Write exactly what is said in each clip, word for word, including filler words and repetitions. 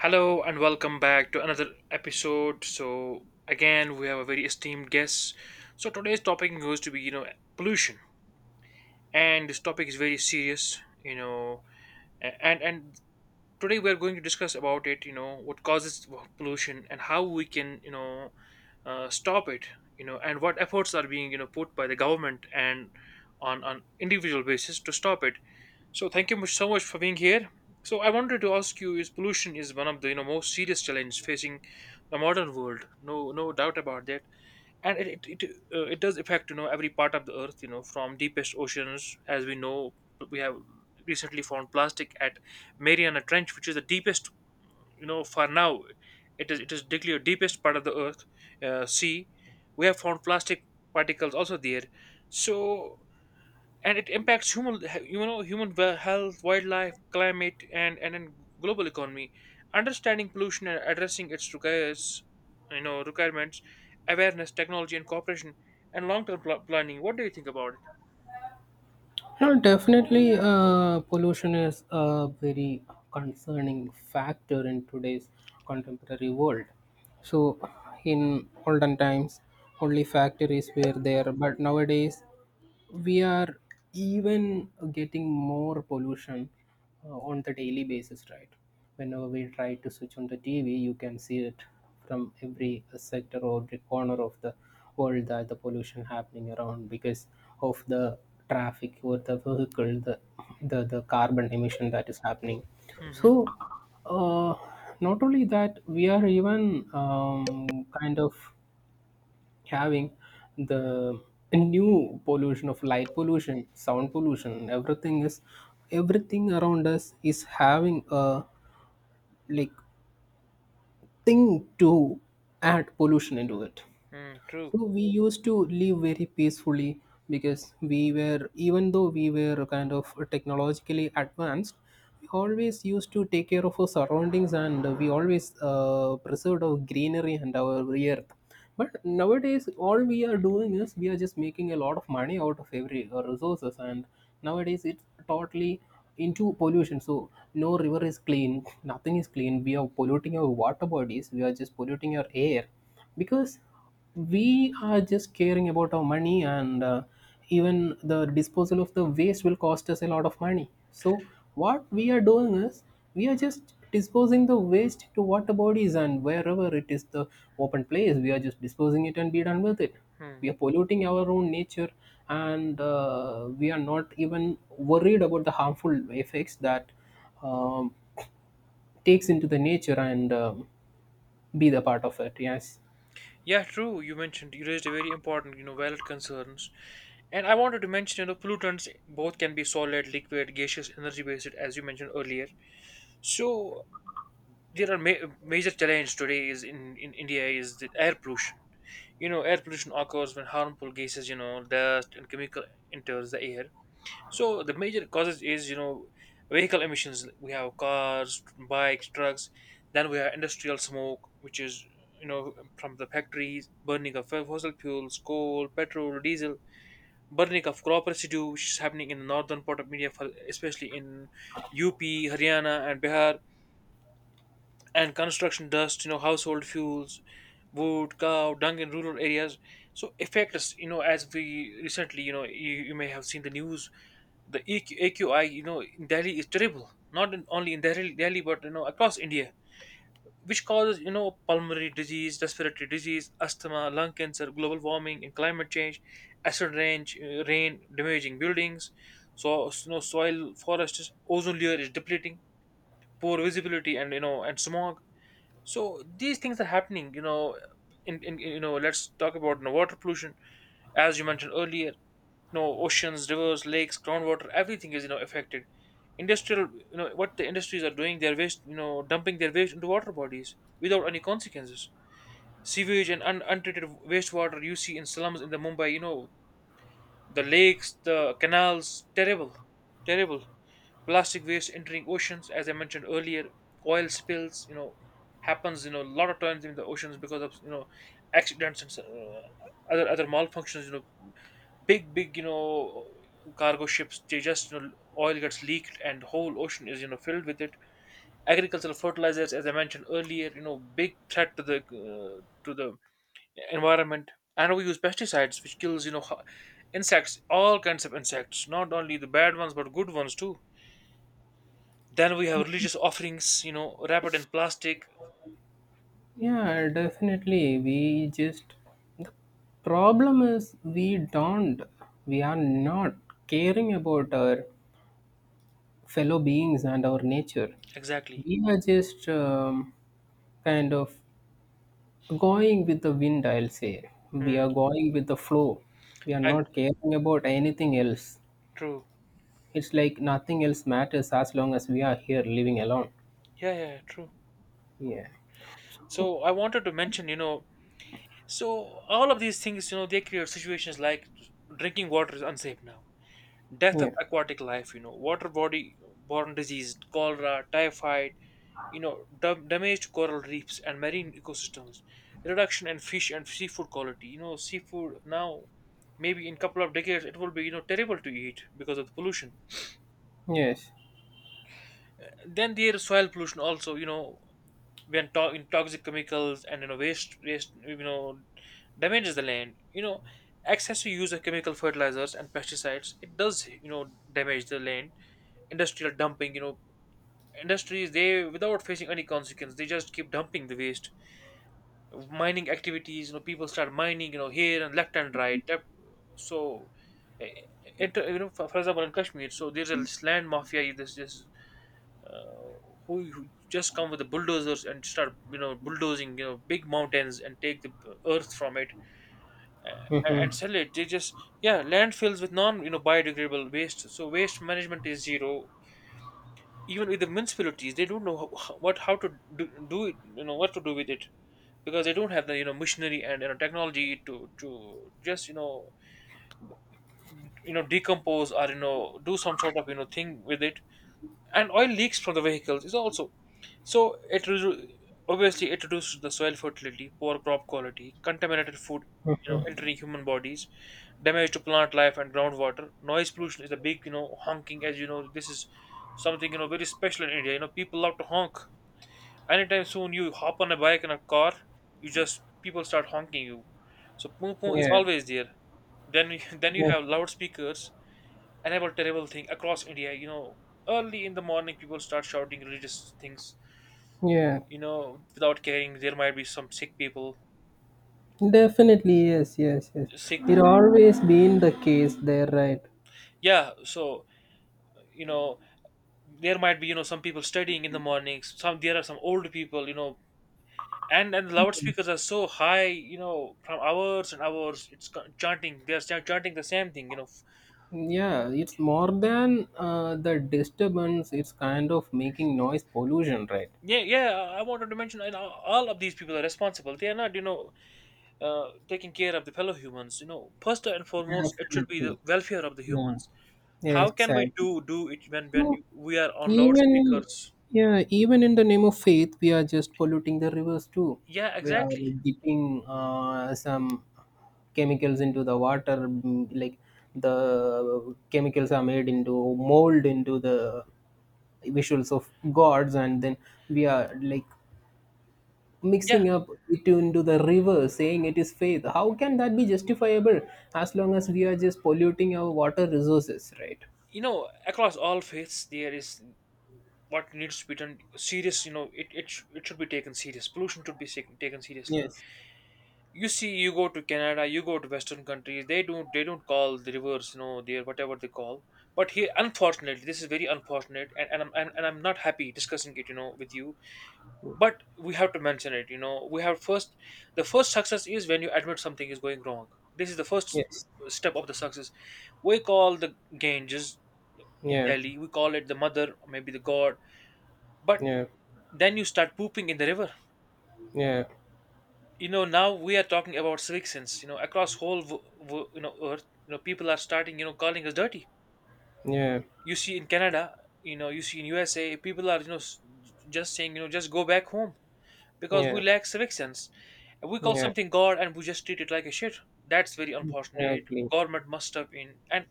Hello and welcome back to another episode. So again, we have a very esteemed guest. So today's topic goes to be you know pollution, and this topic is very serious. You know, a- and and Today we are going to discuss about it. You know what causes pollution and how we can you know uh, stop it. You know, and what efforts are being you know put by the government and on on individual basis to stop it. So thank you much so much for being here. So I wanted to ask you: Is pollution is one of the you know most serious challenges facing the modern world? No, no doubt about that. And it it it, uh, it does affect you know every part of the earth. You know, from deepest oceans, as we know, we have recently found plastic at Mariana Trench, which is the deepest. You know, for now, it is it is declared deepest part of the earth, uh, sea. We have found plastic particles also there. So and it impacts human you know human wel- health, wildlife, climate, and and then global economy. Understanding pollution and addressing its requires you know requirements, awareness, technology, and cooperation, and long-term pl- planning. What do you think about it? No, definitely, uh, pollution is a very concerning factor in today's contemporary world. So, in olden times, only factories were there, but nowadays we are even getting more pollution uh, on the daily basis, right? Whenever we try to switch on the TV, you can see it from every uh, sector or the corner of the world that the pollution happening around because of the traffic or the vehicle, the the, the carbon emission that is happening. Hmm. So uh, not only that, we are even um, kind of having the new pollution of light pollution, sound pollution. Everything is, everything around us is having a like thing to add pollution into it. Mm, true. So we used to live very peacefully because we were, even though we were kind of technologically advanced, we always used to take care of our surroundings and we always uh, preserved our greenery and our earth. But nowadays, all we are doing is we are just making a lot of money out of every uh, resources, and nowadays it's totally into pollution. So no river is clean, nothing is clean. We are polluting our water bodies. We are just polluting our air because we are just caring about our money, and uh, even the disposal of the waste will cost us a lot of money. So what we are doing is we are just disposing the waste to water bodies, and wherever it is the open place we are just disposing it and be done with it. Hmm. We are polluting our own nature, and uh, we are not even worried about the harmful effects that um, takes into the nature and um, be the part of it, yes. Yeah, true. You mentioned you raised a very important, you know, valid concerns, and I wanted to mention, you know, pollutants both can be solid, liquid, gaseous, energy-based, as you mentioned earlier. So there are ma- major challenge today is in, in India is the air pollution. You know air pollution occurs when harmful gases, you know dust, and chemical enters the air. So the major causes is you know vehicle emissions. We have cars, bikes, trucks. Then we have industrial smoke, which is, you know from the factories, burning of fossil fuels, coal, petrol, diesel, burning of crop residue, which is happening in the northern part of India, for, especially in UP, Haryana, and Bihar, and construction dust, you know, household fuels, wood, cow, dung in rural areas. So affect us, you know, as we recently, you know, you, you may have seen the news, the E Q, A Q I, you know, in Delhi is terrible. Not in, only in Delhi, Delhi, but, you know, across India, which causes, you know, pulmonary disease, respiratory disease, asthma, lung cancer, global warming, and climate change, acid rain, uh, rain damaging buildings, so, you know, soil, forests, ozone layer is depleting, poor visibility, and, you know, and smog. So these things are happening, you know in, in you know let's talk about, you know, water pollution. As you mentioned earlier, you know oceans, rivers, lakes, groundwater, everything is you know affected. Industrial, you know what the industries are doing, their waste, you know, dumping their waste into water bodies without any consequences. Sewage and un- untreated wastewater, you see in slums in the Mumbai, you know, the lakes, the canals, terrible, terrible. Plastic waste entering oceans, as I mentioned earlier. Oil spills, you know, happens, you know, a lot of times in the oceans because of, you know, accidents and, uh, other other malfunctions. You know, big big, you know, cargo ships, they just, you know, oil gets leaked and whole ocean is, you know, filled with it. Agricultural fertilizers, as I mentioned earlier, you know, big threat to the, uh, to the environment. And we use pesticides, which kills, you know ho- insects, all kinds of insects, not only the bad ones but good ones too. Then we have religious offerings, you know, wrapped in plastic. Yeah, definitely. We just, the problem is we don't, we are not caring about our fellow beings and our nature. Exactly. We are just um, kind of going with the wind, I'll say. We Hmm. are going with the flow. We are I, not caring about anything else. true. It's like nothing else matters as long as we are here living alone. Yeah, yeah, true. Yeah. So I wanted to mention, you know, so all of these things, you know, they create situations like drinking water is unsafe now, death of Yeah. aquatic life, you know, water body borne disease, cholera, typhoid, you know, dam damaged coral reefs and marine ecosystems, reduction in fish and seafood quality. You know, seafood now, maybe in couple of decades, it will be, you know, terrible to eat because of the pollution. Yes. Then there is soil pollution also, you know, when to- in toxic chemicals and, you know, waste waste, you know, damages the land. You know, excessive use of chemical fertilizers and pesticides, it does, you know, damage the land. Industrial dumping, you know, industries, they, without facing any consequence, they just keep dumping the waste. Mining activities, you know, people start mining, you know, here and left and right. Tap- so eh, it, you know, for, for example, in Kashmir, so there's a land mafia, this this, uh, who, who just come with the bulldozers and start, you know, bulldozing, you know, big mountains and take the earth from it, uh, and sell it. They just, yeah, landfills with non, you know, biodegradable waste. So waste management is zero. Even with the municipalities, they don't know how, what how to do, do it, you know, what to do with it, because they don't have the, you know, machinery and, you know, technology to to just, you know, you know decompose or, you know, do some sort of, you know, thing with it. And oil leaks from the vehicles is also. So it redu- Obviously, it reduces the soil fertility, poor crop quality, contaminated food, you know, entering human bodies, damage to plant life and groundwater. Noise pollution is a big, you know, honking. As you know, this is something, you know, very special in India. You know, people love to honk. Anytime soon you hop on a bike and a car, you just people start honking you. So poo poo is Yeah. always there. Then you, then you Yeah. have loudspeakers. Another terrible thing across India. You know, early in the morning people start shouting religious things, Yeah. you know, without caring there might be some sick people Definitely, yes, yes, yes. sick people. It always been the case there, right? Yeah, so, you know, there might be, you know, some people studying in the mornings, some, there are some old people, you know, and and the loudspeakers are so high, you know, from hours and hours, it's co- chanting, they're ch- chanting the same thing, you know. Yeah, it's more than uh, the disturbance, it's kind of making noise pollution, right? Yeah yeah i I wanted to mention. And know, all of these people are responsible. They are not, you know, uh, taking care of the fellow humans. You know, first and foremost, it should be the Definitely. welfare of the Yeah. humans. Yeah, How can we do exactly. do it when when No, we are on even loudspeakers? yeah, even in the name of faith, we are just polluting the rivers too. Yeah, We are exactly. dipping uh, some chemicals into the water, mm, like the chemicals are made into mold into the visuals of gods, and then we are like Yeah, mixing up it into the river, saying it is faith. How can that be justifiable? As long as we are just polluting our water resources, right? you know, across all faiths, there is what needs to be done serious. You know, it it, sh- it should be taken serious. Pollution should be sec- taken seriously. Yes. You see, you go to Canada, you go to Western countries. They don't they don't call the rivers, you know, their whatever they call. But here, unfortunately, this is very unfortunate, and, and I'm and, and I'm not happy discussing it, you know, with you. But we have to mention it, you know. We have first, the first success is when you admit something is going wrong. This is the first, Yes. uh, step of the success. We call the Ganges in Yeah. Delhi. We call it the mother, or maybe the god. But Yeah, then you start pooping in the river. yeah, You know, now we are talking about civic sense. You know, across whole w- w- you know earth, you know, people are starting, you know, calling us dirty. yeah, You see in Canada, you know, you see in U S A, people are, you know s- just saying, you know, just go back home, because we yeah, lack civic sense. We call yeah, something God and we just treat it like a shit. That's very unfortunate. exactly. Government must step in, and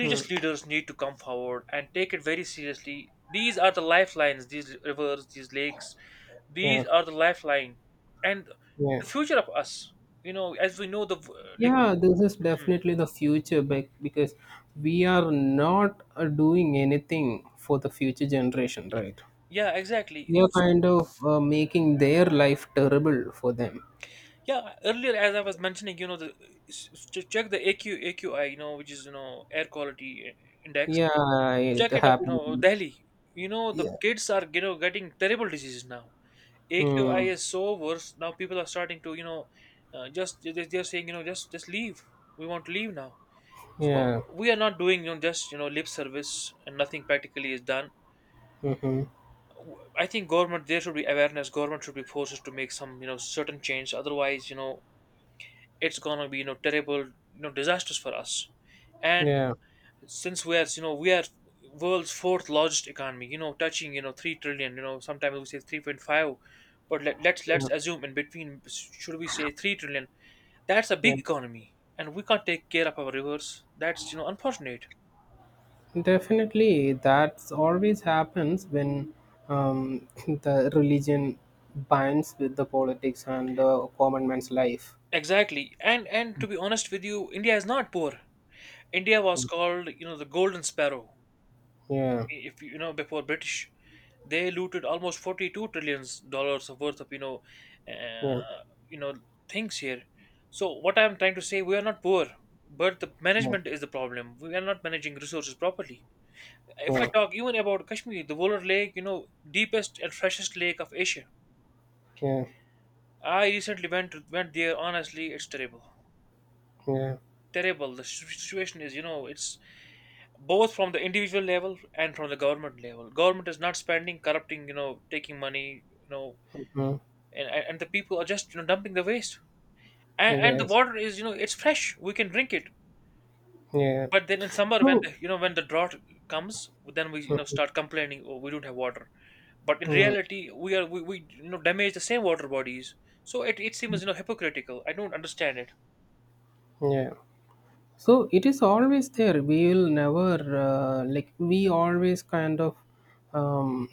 Hmm. leaders need to come forward and take it very seriously. These are the lifelines, these rivers, these lakes, these Yeah, are the lifeline and yeah, the future of us. You know, as we know, the yeah. This is definitely the future, bec- because we are not uh, doing anything for the future generation, right? yeah, exactly. We are So, kind of uh, making their life terrible for them. yeah, earlier, as I was mentioning, you know, the s- s- ch- check the A Q A Q I, you know, which is, you know, air quality index. Yeah, it Check it up, you know, happened. Delhi. You know, the Yeah. kids are, you know, getting terrible diseases now. A Q I Hmm. is so worse now. People are starting to, you know, uh, just they- they're saying, you know, just just leave. We want to leave now. So Yeah. we are not doing, you know, just, you know, lip service and nothing practically is done. Mm-hmm. W- I think government, there should be awareness. Government should be forced to make some, you know, certain change. Otherwise, you know, it's gonna be, you know, terrible, you know, disasters for us. And Yeah. since we are you know we are world's fourth largest economy, you know touching, you know 3 trillion. You know sometimes we say three point five, but let, let's let's assume in between, should we say 3 trillion. That's a big Yeah. economy and we can't take care of our rivers. That's, you know unfortunate. Definitely, that's always happens when um, the religion binds with the politics and the common man's life. Exactly. And and to be honest with you, India is not poor. India was Mm. called, you know the golden sparrow. Yeah, If you know before British, they looted almost forty two trillions dollars of worth of, you know, uh, yeah, you know things here. So what I'm trying to say, we are not poor, but the yeah, management is the problem. We are not managing resources properly. If I talk even about Kashmir, the Volar Lake, you know, deepest and freshest lake of Asia. yeah, I recently went went there. Honestly, it's terrible. yeah, yeah. Terrible. The situ- situation is, you know, it's both from the individual level and from the government level. Government is not spending, corrupting, you know, taking money, you know, Mm. and and and the people are just you know dumping the waste. And and the Yes, water is, you know it's fresh. We can drink it. yeah. But then in summer when So, the, you know when the drought comes, then we, you know mm, start complaining, oh, we don't have water. But in mm, reality, we are we, we you know damage the same water bodies. So it, it seems, you know hypocritical. I don't understand it. yeah. So it is always there. We will never uh, like, we always kind of um,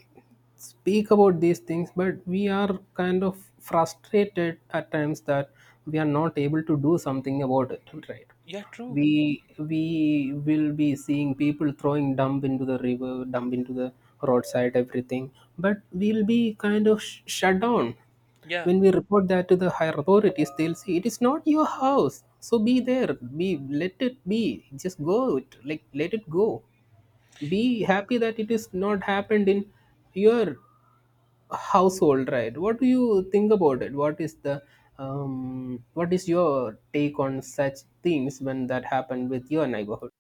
speak about these things, but we are kind of frustrated at times that we are not able to do something about it, right? Yeah, true. we we will be seeing people throwing dump into the river, dump into the roadside, everything, but we'll be kind of sh- shut down. Yeah. When we report that to the higher authorities, they'll say it is not your house, so be there, be, let it be, just go it, like, let it go. Be happy that it is not happened in your household, right? What do you think about it? What is the um, what is your take on such things when that happened with your neighborhood?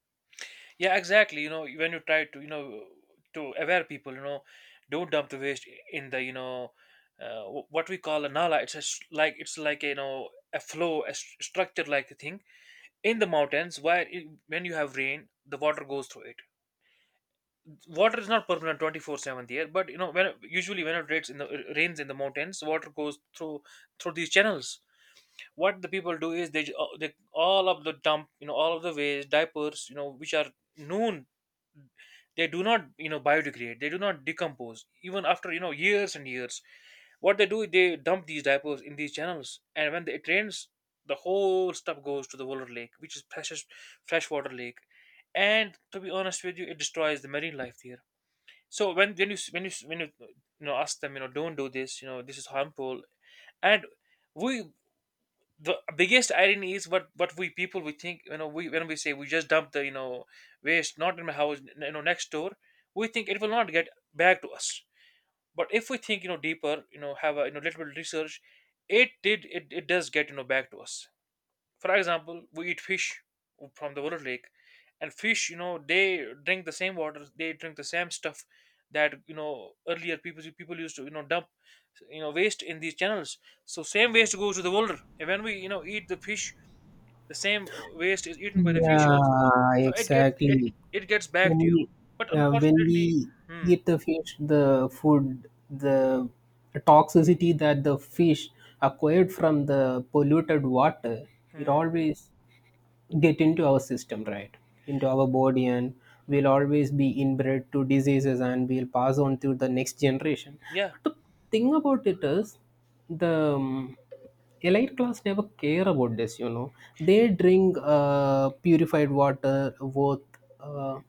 Yeah, exactly. You know, when you try to, you know, to aware people, you know, don't dump the waste in the, you know, uh, wh- what we call a nala. It's a, s- like it's like you know a flow, a st- structure like a thing in the mountains where it, when you have rain, the water goes through it. Water is not permanent twenty four seven there, but you know when it- usually when it rains in the rains in the mountains, water goes through through these channels. What the people do is they, uh, they all of the dump, you know all of the waste diapers, you know which are known, they do not you know biodegrade. They do not decompose even after, you know years and years. What they do is they dump these diapers in these channels, and when it rains the whole stuff goes to the Woller Lake, which is precious freshwater lake. And to be honest with you, it destroys the marine life there. So when when you when you when you, you know ask them, you know don't do this. You know this is harmful. And we, the biggest irony is, what what we people we think, you know we, when we say we just dump the, you know waste, not in my house, n- you know next door, we think it will not get back to us. But if we think, you know deeper, you know have a, you know little bit of research, it did it, it does get, you know back to us. For example, we eat fish from the water lake, and fish, you know, they drink the same water, they drink the same stuff that, you know earlier people people used to, you know dump, you know waste in these channels. So same waste goes to the water, and when we, you know eat the fish, the same uh, waste is eaten by the fish also. Yeah, So it gets it exactly. it gets back When to you, we but yeah, when unfortunately, we hmm. eat the fish, the food, the toxicity that the fish acquired from the polluted water, it Hmm. always get into our system, right? Into our body, and we'll always be inbred to diseases and we'll pass on to the next generation. Yeah. But the thing about it is, the um, elite class never care about this, you know. They drink uh, purified water worth uh,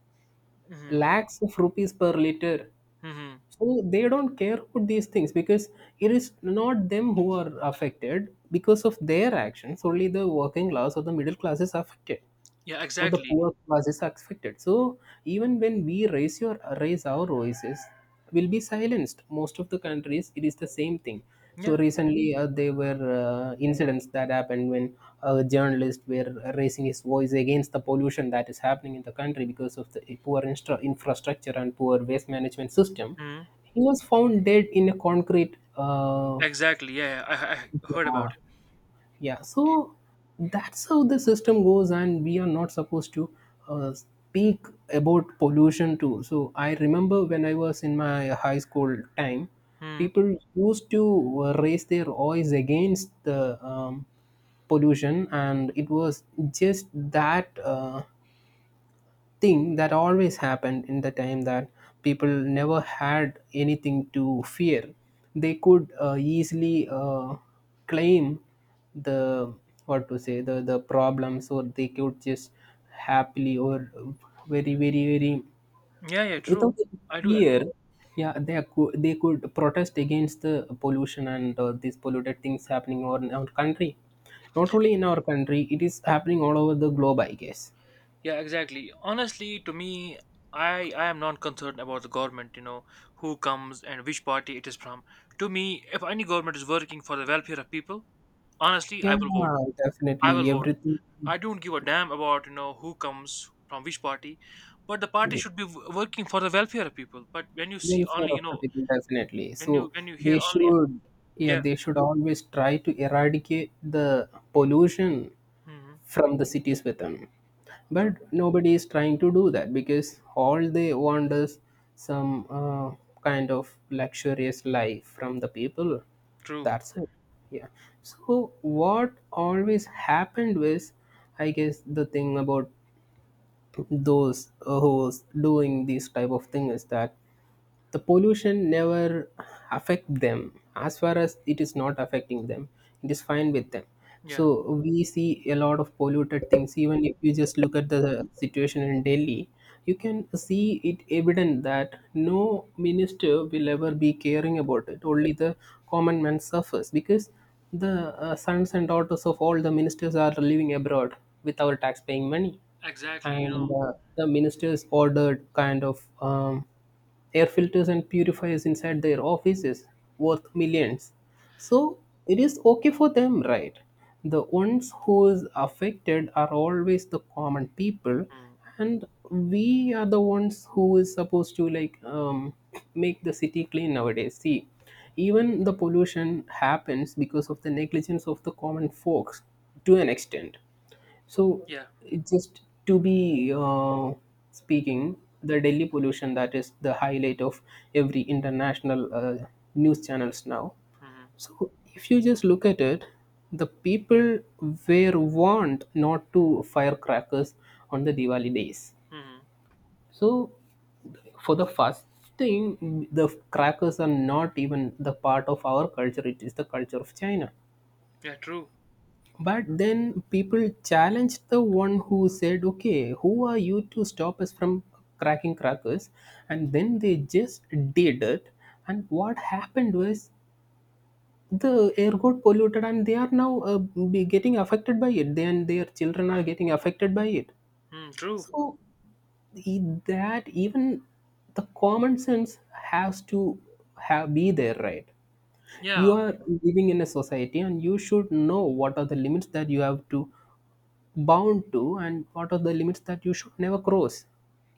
Hmm. lakhs of rupees per liter. Hmm. Hmm. So they don't care about these things because it is not them who are affected because of their actions. Only the working class or the middle class is affected, Yeah, for the exactly. poor class is affected. So even when we raise your raise our voices, will be silenced. Most of the countries, it is the same thing. So Yeah. recently, uh, there were uh, incidents that happened when a journalist were raising his voice against the pollution that is happening in the country because of the poor instra- infrastructure and poor waste management system. Hmm. He was found dead in a concrete. Uh, exactly. Yeah, yeah, I, I heard yeah, about it. yeah, so that's how the system goes, and we are not supposed to uh, speak about pollution too. So I remember when I was in my high school time, Hmm. people used to uh, raise their voice against the um, pollution, and it was just that uh, thing that always happened in the time that people never had anything to fear. They could uh, easily uh, claim the, what to say, the the problems, or they could just happily or very, very, very Yeah, yeah, true. without any I do. fear. Yeah, they could, they could protest against the pollution and uh, these polluted things happening over in our country. Not only in our country, it is happening all over the globe, I guess. Yeah, exactly. Honestly, to me, I I am not concerned about the government. You know who comes and which party it is from. To me, if any government is working for the welfare of people, honestly, I Yeah, will vote. I will definitely. vote. Everything, I don't give a damn about, you know who comes from which party, but the party yeah, should be w- working for the welfare of people. But when you see welfare only, you of the know, people, definitely. when you So when you hear they only, should, yeah, yeah. they should always try to eradicate the pollution Hmm. from the cities within. True, But nobody is trying to do that because all they want is some uh, kind of luxurious life from the people. true. That's it. Yeah. So what always happened was, I guess the thing about those uh, who's doing these type of thing is that the pollution never affect them. As far as it is not affecting them, it is fine with them. Yeah, So we see a lot of polluted things. Even if you just look at the situation in Delhi, you can see it evident that no minister will ever be caring about it. Only the common man suffers because the uh, sons and daughters of all the ministers are living abroad with our tax paying money, exactly. You know, and uh, the ministers ordered kind of um, air filters and purifiers inside their offices worth millions. So it is okay for them, right? The ones who is affected are always the common people, mm. and we are the ones who is supposed to, like, um, make the city clean. Nowadays, see, even the pollution happens because of the negligence of the common folks to an extent. So, Yeah. it just, to be uh, speaking, the Delhi pollution that is the highlight of every international uh, news channels now. Hmm. So, if you just look at it, the people were warned not to fire crackers on the Diwali days. Hmm. So, for the first thing, the crackers are not even the part of our culture, it is the culture of China. Yeah, true. But then people challenged the one who said, okay, who are you to stop us from cracking crackers? And then they just did it. And what happened was the air got polluted, and they are now uh, be getting affected by it. Then their children are getting affected by it. Mm, true. So e- that even the common sense has to have, be there, right? Yeah. You are living in a society and you should know what are the limits that you have to bound to and what are the limits that you should never cross.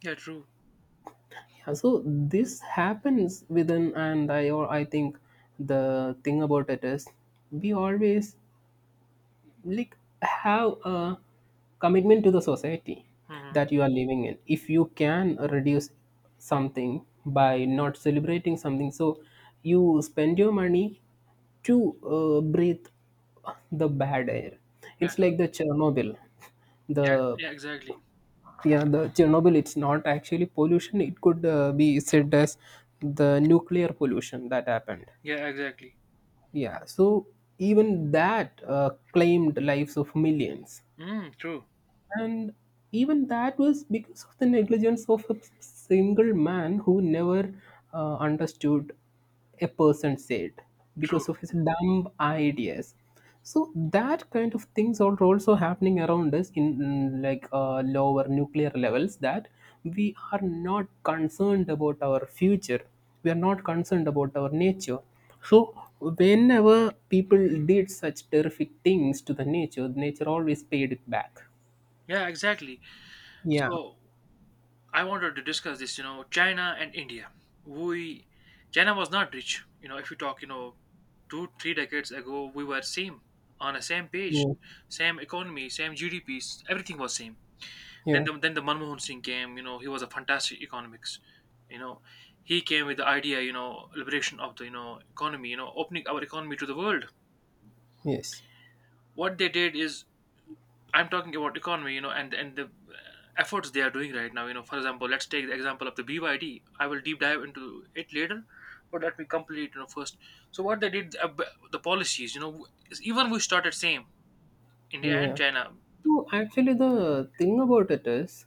Yeah. True. Yeah, so this happens within, and I or I think the thing about it is we always like have a commitment to the society Hmm. that you are living in. If you can reduce something by not celebrating something, so you spend your money to uh, breathe the bad air. Yeah. It's like the Chernobyl Yeah. the, Yeah. Exactly. yeah, the Chernobyl. It's not actually pollution, it could uh, be said as the nuclear pollution that happened. Yeah. Exactly. Yeah, so even that uh, claimed lives of millions, Mm, true. and even that was because of the negligence of a single man who never uh, understood a person said True. because of his dumb ideas. So that kind of things are also happening around us in, mm, like uh, lower nuclear levels that we are not concerned about our future. We are not concerned about our nature. So whenever people did such terrific things to the nature, nature always paid it back. Yeah. Exactly. Yeah, So I wanted to discuss this. You know, China and India. We China was not rich. You know, if you talk, you know, two three decades ago, we were same on a same page, yeah, same economy, same G D Ps. Everything was same. Then yeah, the then the Manmohan Singh came. You know, he was a fantastic economics. You know, he came with the idea. You know, liberation of the, you know economy. You know, opening our economy to the world. yes, What they did is, I'm talking about economy. You know, and and the efforts they are doing right now. You know, for example, let's take the example of the B Y D. I will deep dive into it later, but let me complete. You know, first. So what they did, uh, b- the policies. You know, w- is even we started same, India and yeah. China. No, actually, the thing about it is,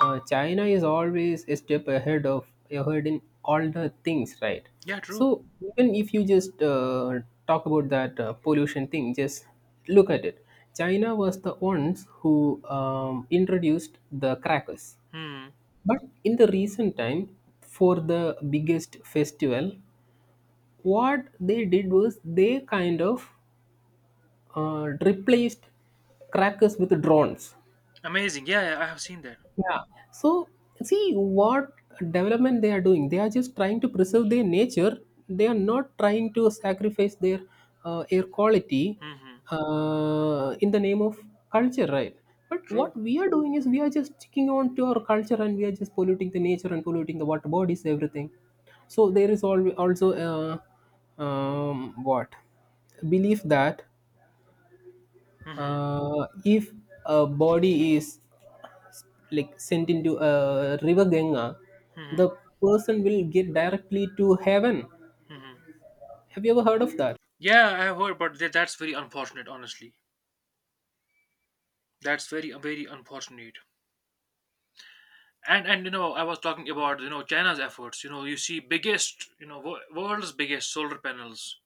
uh, China is always a step ahead of ahead in all the things, right? Yeah, true. So even if you just uh, talk about that uh, pollution thing, just look at it. China was the ones who um, introduced the crackers. Hmm. But in the recent time, for the biggest festival, what they did was they kind of uh, replaced crackers with drones. Amazing. Yeah, yeah, I have seen that. Yeah. So see what development they are doing. They are just trying to preserve their nature. They are not trying to sacrifice their uh, air quality Hmm. uh, in the name of culture, right? But True. what we are doing is we are just sticking on to our culture and we are just polluting the nature and polluting the water bodies, everything. So there is al- also uh, um, what belief that Hmm. uh, if a body is like sent into a river Ganga, the Hmm. person will get directly to heaven. Hmm. Have you ever heard of that? Yeah, I have heard, but tha- that's very unfortunate. Honestly, that's very very unfortunate. And and you know, I was talking about, you know China's efforts. You know, you see biggest, you know wo- world's biggest solar panels,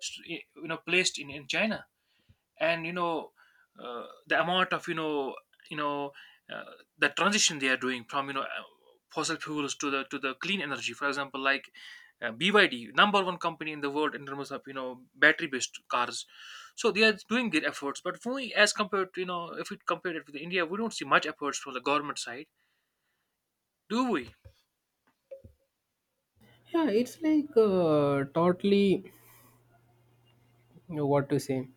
s- you know, placed in in China. And you know uh, the amount of, you know you know uh, the transition they are doing from, you know uh, fossil fuels to the to the clean energy, for example, like, uh, B Y D, number one company in the world in terms of, you know battery based cars. So they are doing their efforts, but we, as compared to, you know if we compare it with India, we don't see much efforts from the government side, do we? Yeah, it's like uh, totally what to say.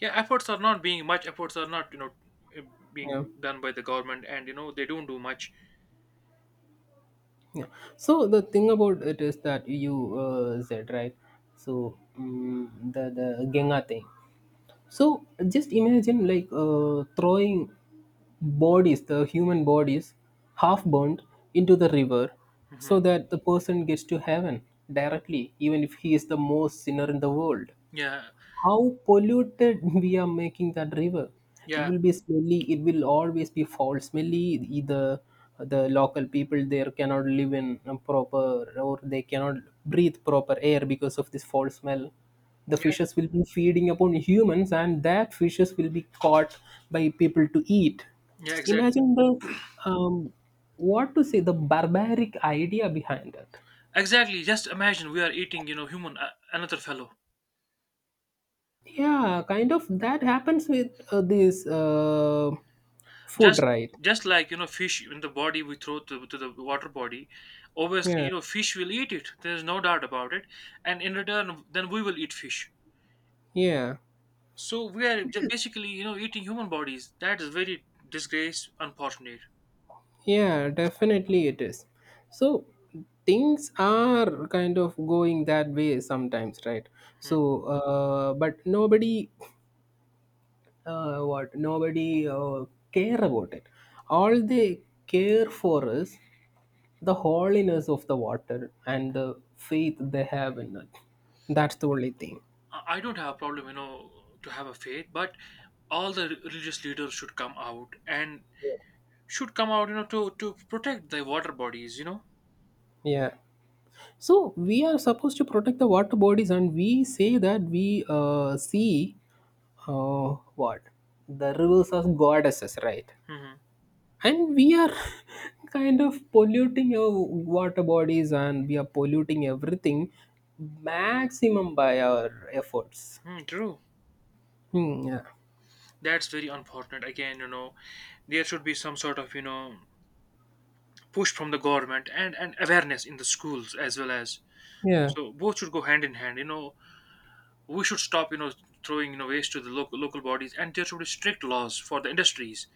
Yeah, efforts are not being much. Efforts are not, you know uh, being Yeah, done by the government and, you know they don't do much. yeah. So the thing about it is that you uh, said right. So mm the the Ganga thing. So just imagine like uh, throwing bodies, the human bodies, half burnt into the river Hmm. so that the person gets to heaven directly, even if he is the most sinner in the world, Yeah. how polluted we are making that river. It Yeah. will be smelly. It will always be foul, smelly. Either the local people there cannot live in a proper, or they cannot breathe proper air because of this foul smell. The Yeah. fishes will be feeding upon humans, and that fishes will be caught by people to eat. Yeah, Just exactly. imagine the um, what to say the barbaric idea behind it. Exactly. Just imagine, we are eating, you know, human uh, another fellow. Yeah, kind of that happens with uh, this uh, food, Just right? just like, you know, fish in the body we throw to, to the water body. Obviously, Yeah, you know, fish will eat it. There is no doubt about it. And in return, then we will eat fish. yeah, So we are j- basically, you know, eating human bodies. That is very disgrace, unfortunate. yeah, definitely it is. So things are kind of going that way sometimes, right? Hmm. So, uh, but nobody, uh, what, nobody uh, care about it. All they care for is the holiness of the water and the faith they have in it. That's the only thing. I I don't have a problem, you know, to have a faith, but all the re- religious leaders should come out and should come out, you know, to to protect the water bodies. You know. Yeah. So we are supposed to protect the water bodies, and we say that we uh, see uh, what the rivers as goddesses, right? Mm-hmm. And we are kind of polluting our water bodies, and we are polluting everything maximum by our efforts. Hmm. True. Hmm, yeah, That's very unfortunate. Again, you know, there should be some sort of, you know push from the government and and awareness in the schools as well. As yeah, so both should go hand in hand. You know, we should stop, you know throwing, you know waste to the local local bodies, and there should be strict laws for the industries,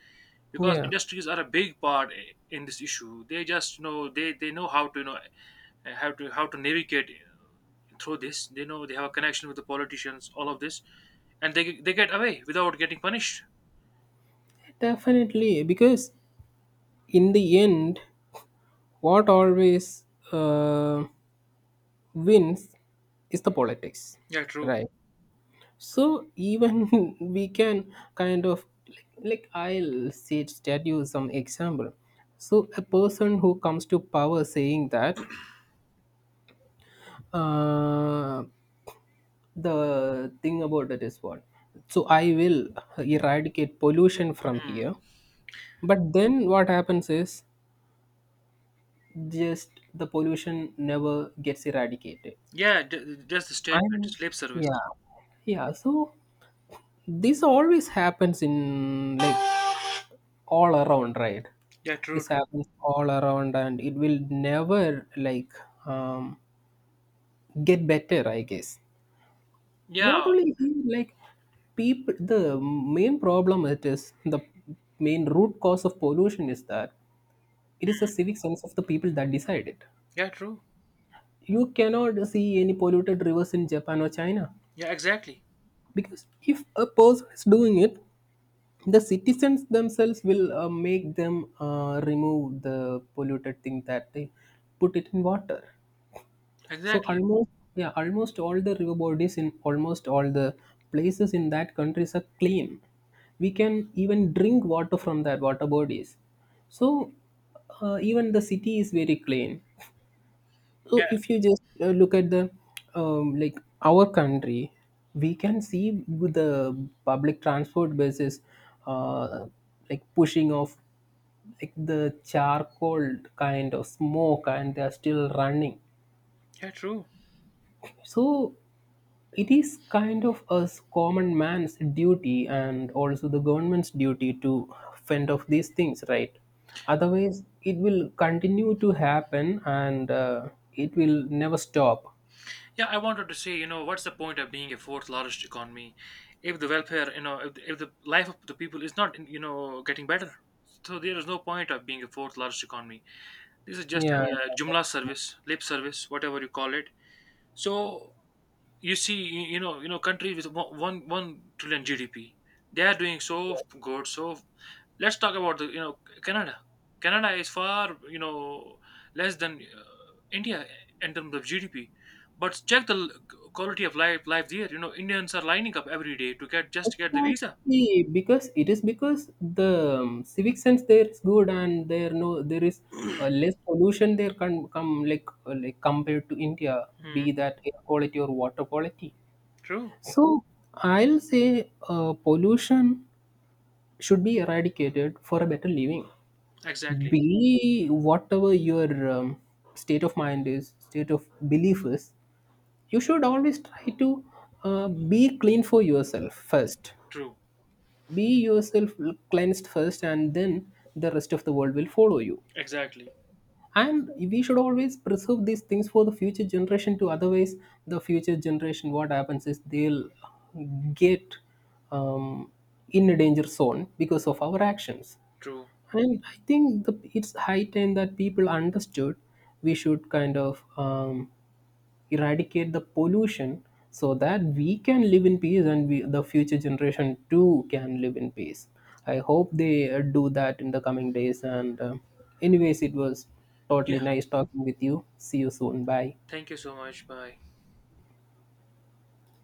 because yeah. industries are a big part i- in this issue. They just, you know they they know how to, you know how to how to navigate through this. They know they have a connection with the politicians, all of this, and they they get away without getting punished. Definitely, because in the end, what always uh, wins is the politics, Yeah, true. right? So even we can kind of, like, I'll say tell you some example. So a person who comes to power saying that, uh, the thing about it is what. So I will eradicate pollution from here. But then what happens is just the pollution never gets eradicated. Yeah, d- just the statement, I'm sleep service. yeah, yeah. So this always happens in, like, all around, right? Yeah, true, This true. happens all around and it will never, like, um, get better, I guess. Not Yeah, only here, like, people, the main problem, it is the main root cause of pollution is that it is the civic sense of the people that decide it. yeah, true. You cannot see any polluted rivers in Japan or China, Yeah, exactly, because if a person is doing it, the citizens themselves will uh, make them uh, remove the polluted thing that they put it in water. So exactly. almost, yeah, almost all the river bodies in almost all the places in that countries are clean. We can even drink water from that water bodies. So uh, even the city is very clean. So Yeah, if you just uh, look at the um, like, our country, we can see with the public transport buses, uh, like, pushing off like the charcoal kind of smoke, and they are still running. yeah, true. So it is kind of a s- common man's duty and also the government's duty to fend off these things, right? Otherwise, it will continue to happen, and uh, it will never stop. Yeah, I wanted to say, you know, what's the point of being a fourth largest economy if the welfare, you know, if the, if the life of the people is not, you know, getting better? So there is no point of being a fourth largest economy. This is just Yeah, a jumla service, lip service, whatever you call it. So you see you, you know you know country with one one one trillion G D P, they are doing so good. So let's talk about the, you know Canada. Canada is far, you know less than, uh, India, in terms of G D P. But check the l- quality of life life there. You know indians are lining up every day to get, just get the visa. exactly. Because it is because the um, civic sense there is good, and there no there is uh, less pollution there can come like uh, like compared to India, Hmm, be that air quality or water quality. true. So I'll say uh, pollution should be eradicated for a better living. Exactly. Be whatever your um, state of mind is, state of belief is, you should always try to uh, be clean for yourself first, True. be yourself cleansed first, and then the rest of the world will follow you. Exactly. And we should always preserve these things for the future generation to, otherwise the future generation, what happens is, they'll get um, in a danger zone because of our actions. True. And I think the, it's high time that people understood we should kind of um, eradicate the pollution so that we can live in peace, and we, the future generation too can live in peace. I hope they uh, do that in the coming days. And uh, anyways, it was Yeah, totally nice talking with you. See you soon. Bye. thank you so much. Bye.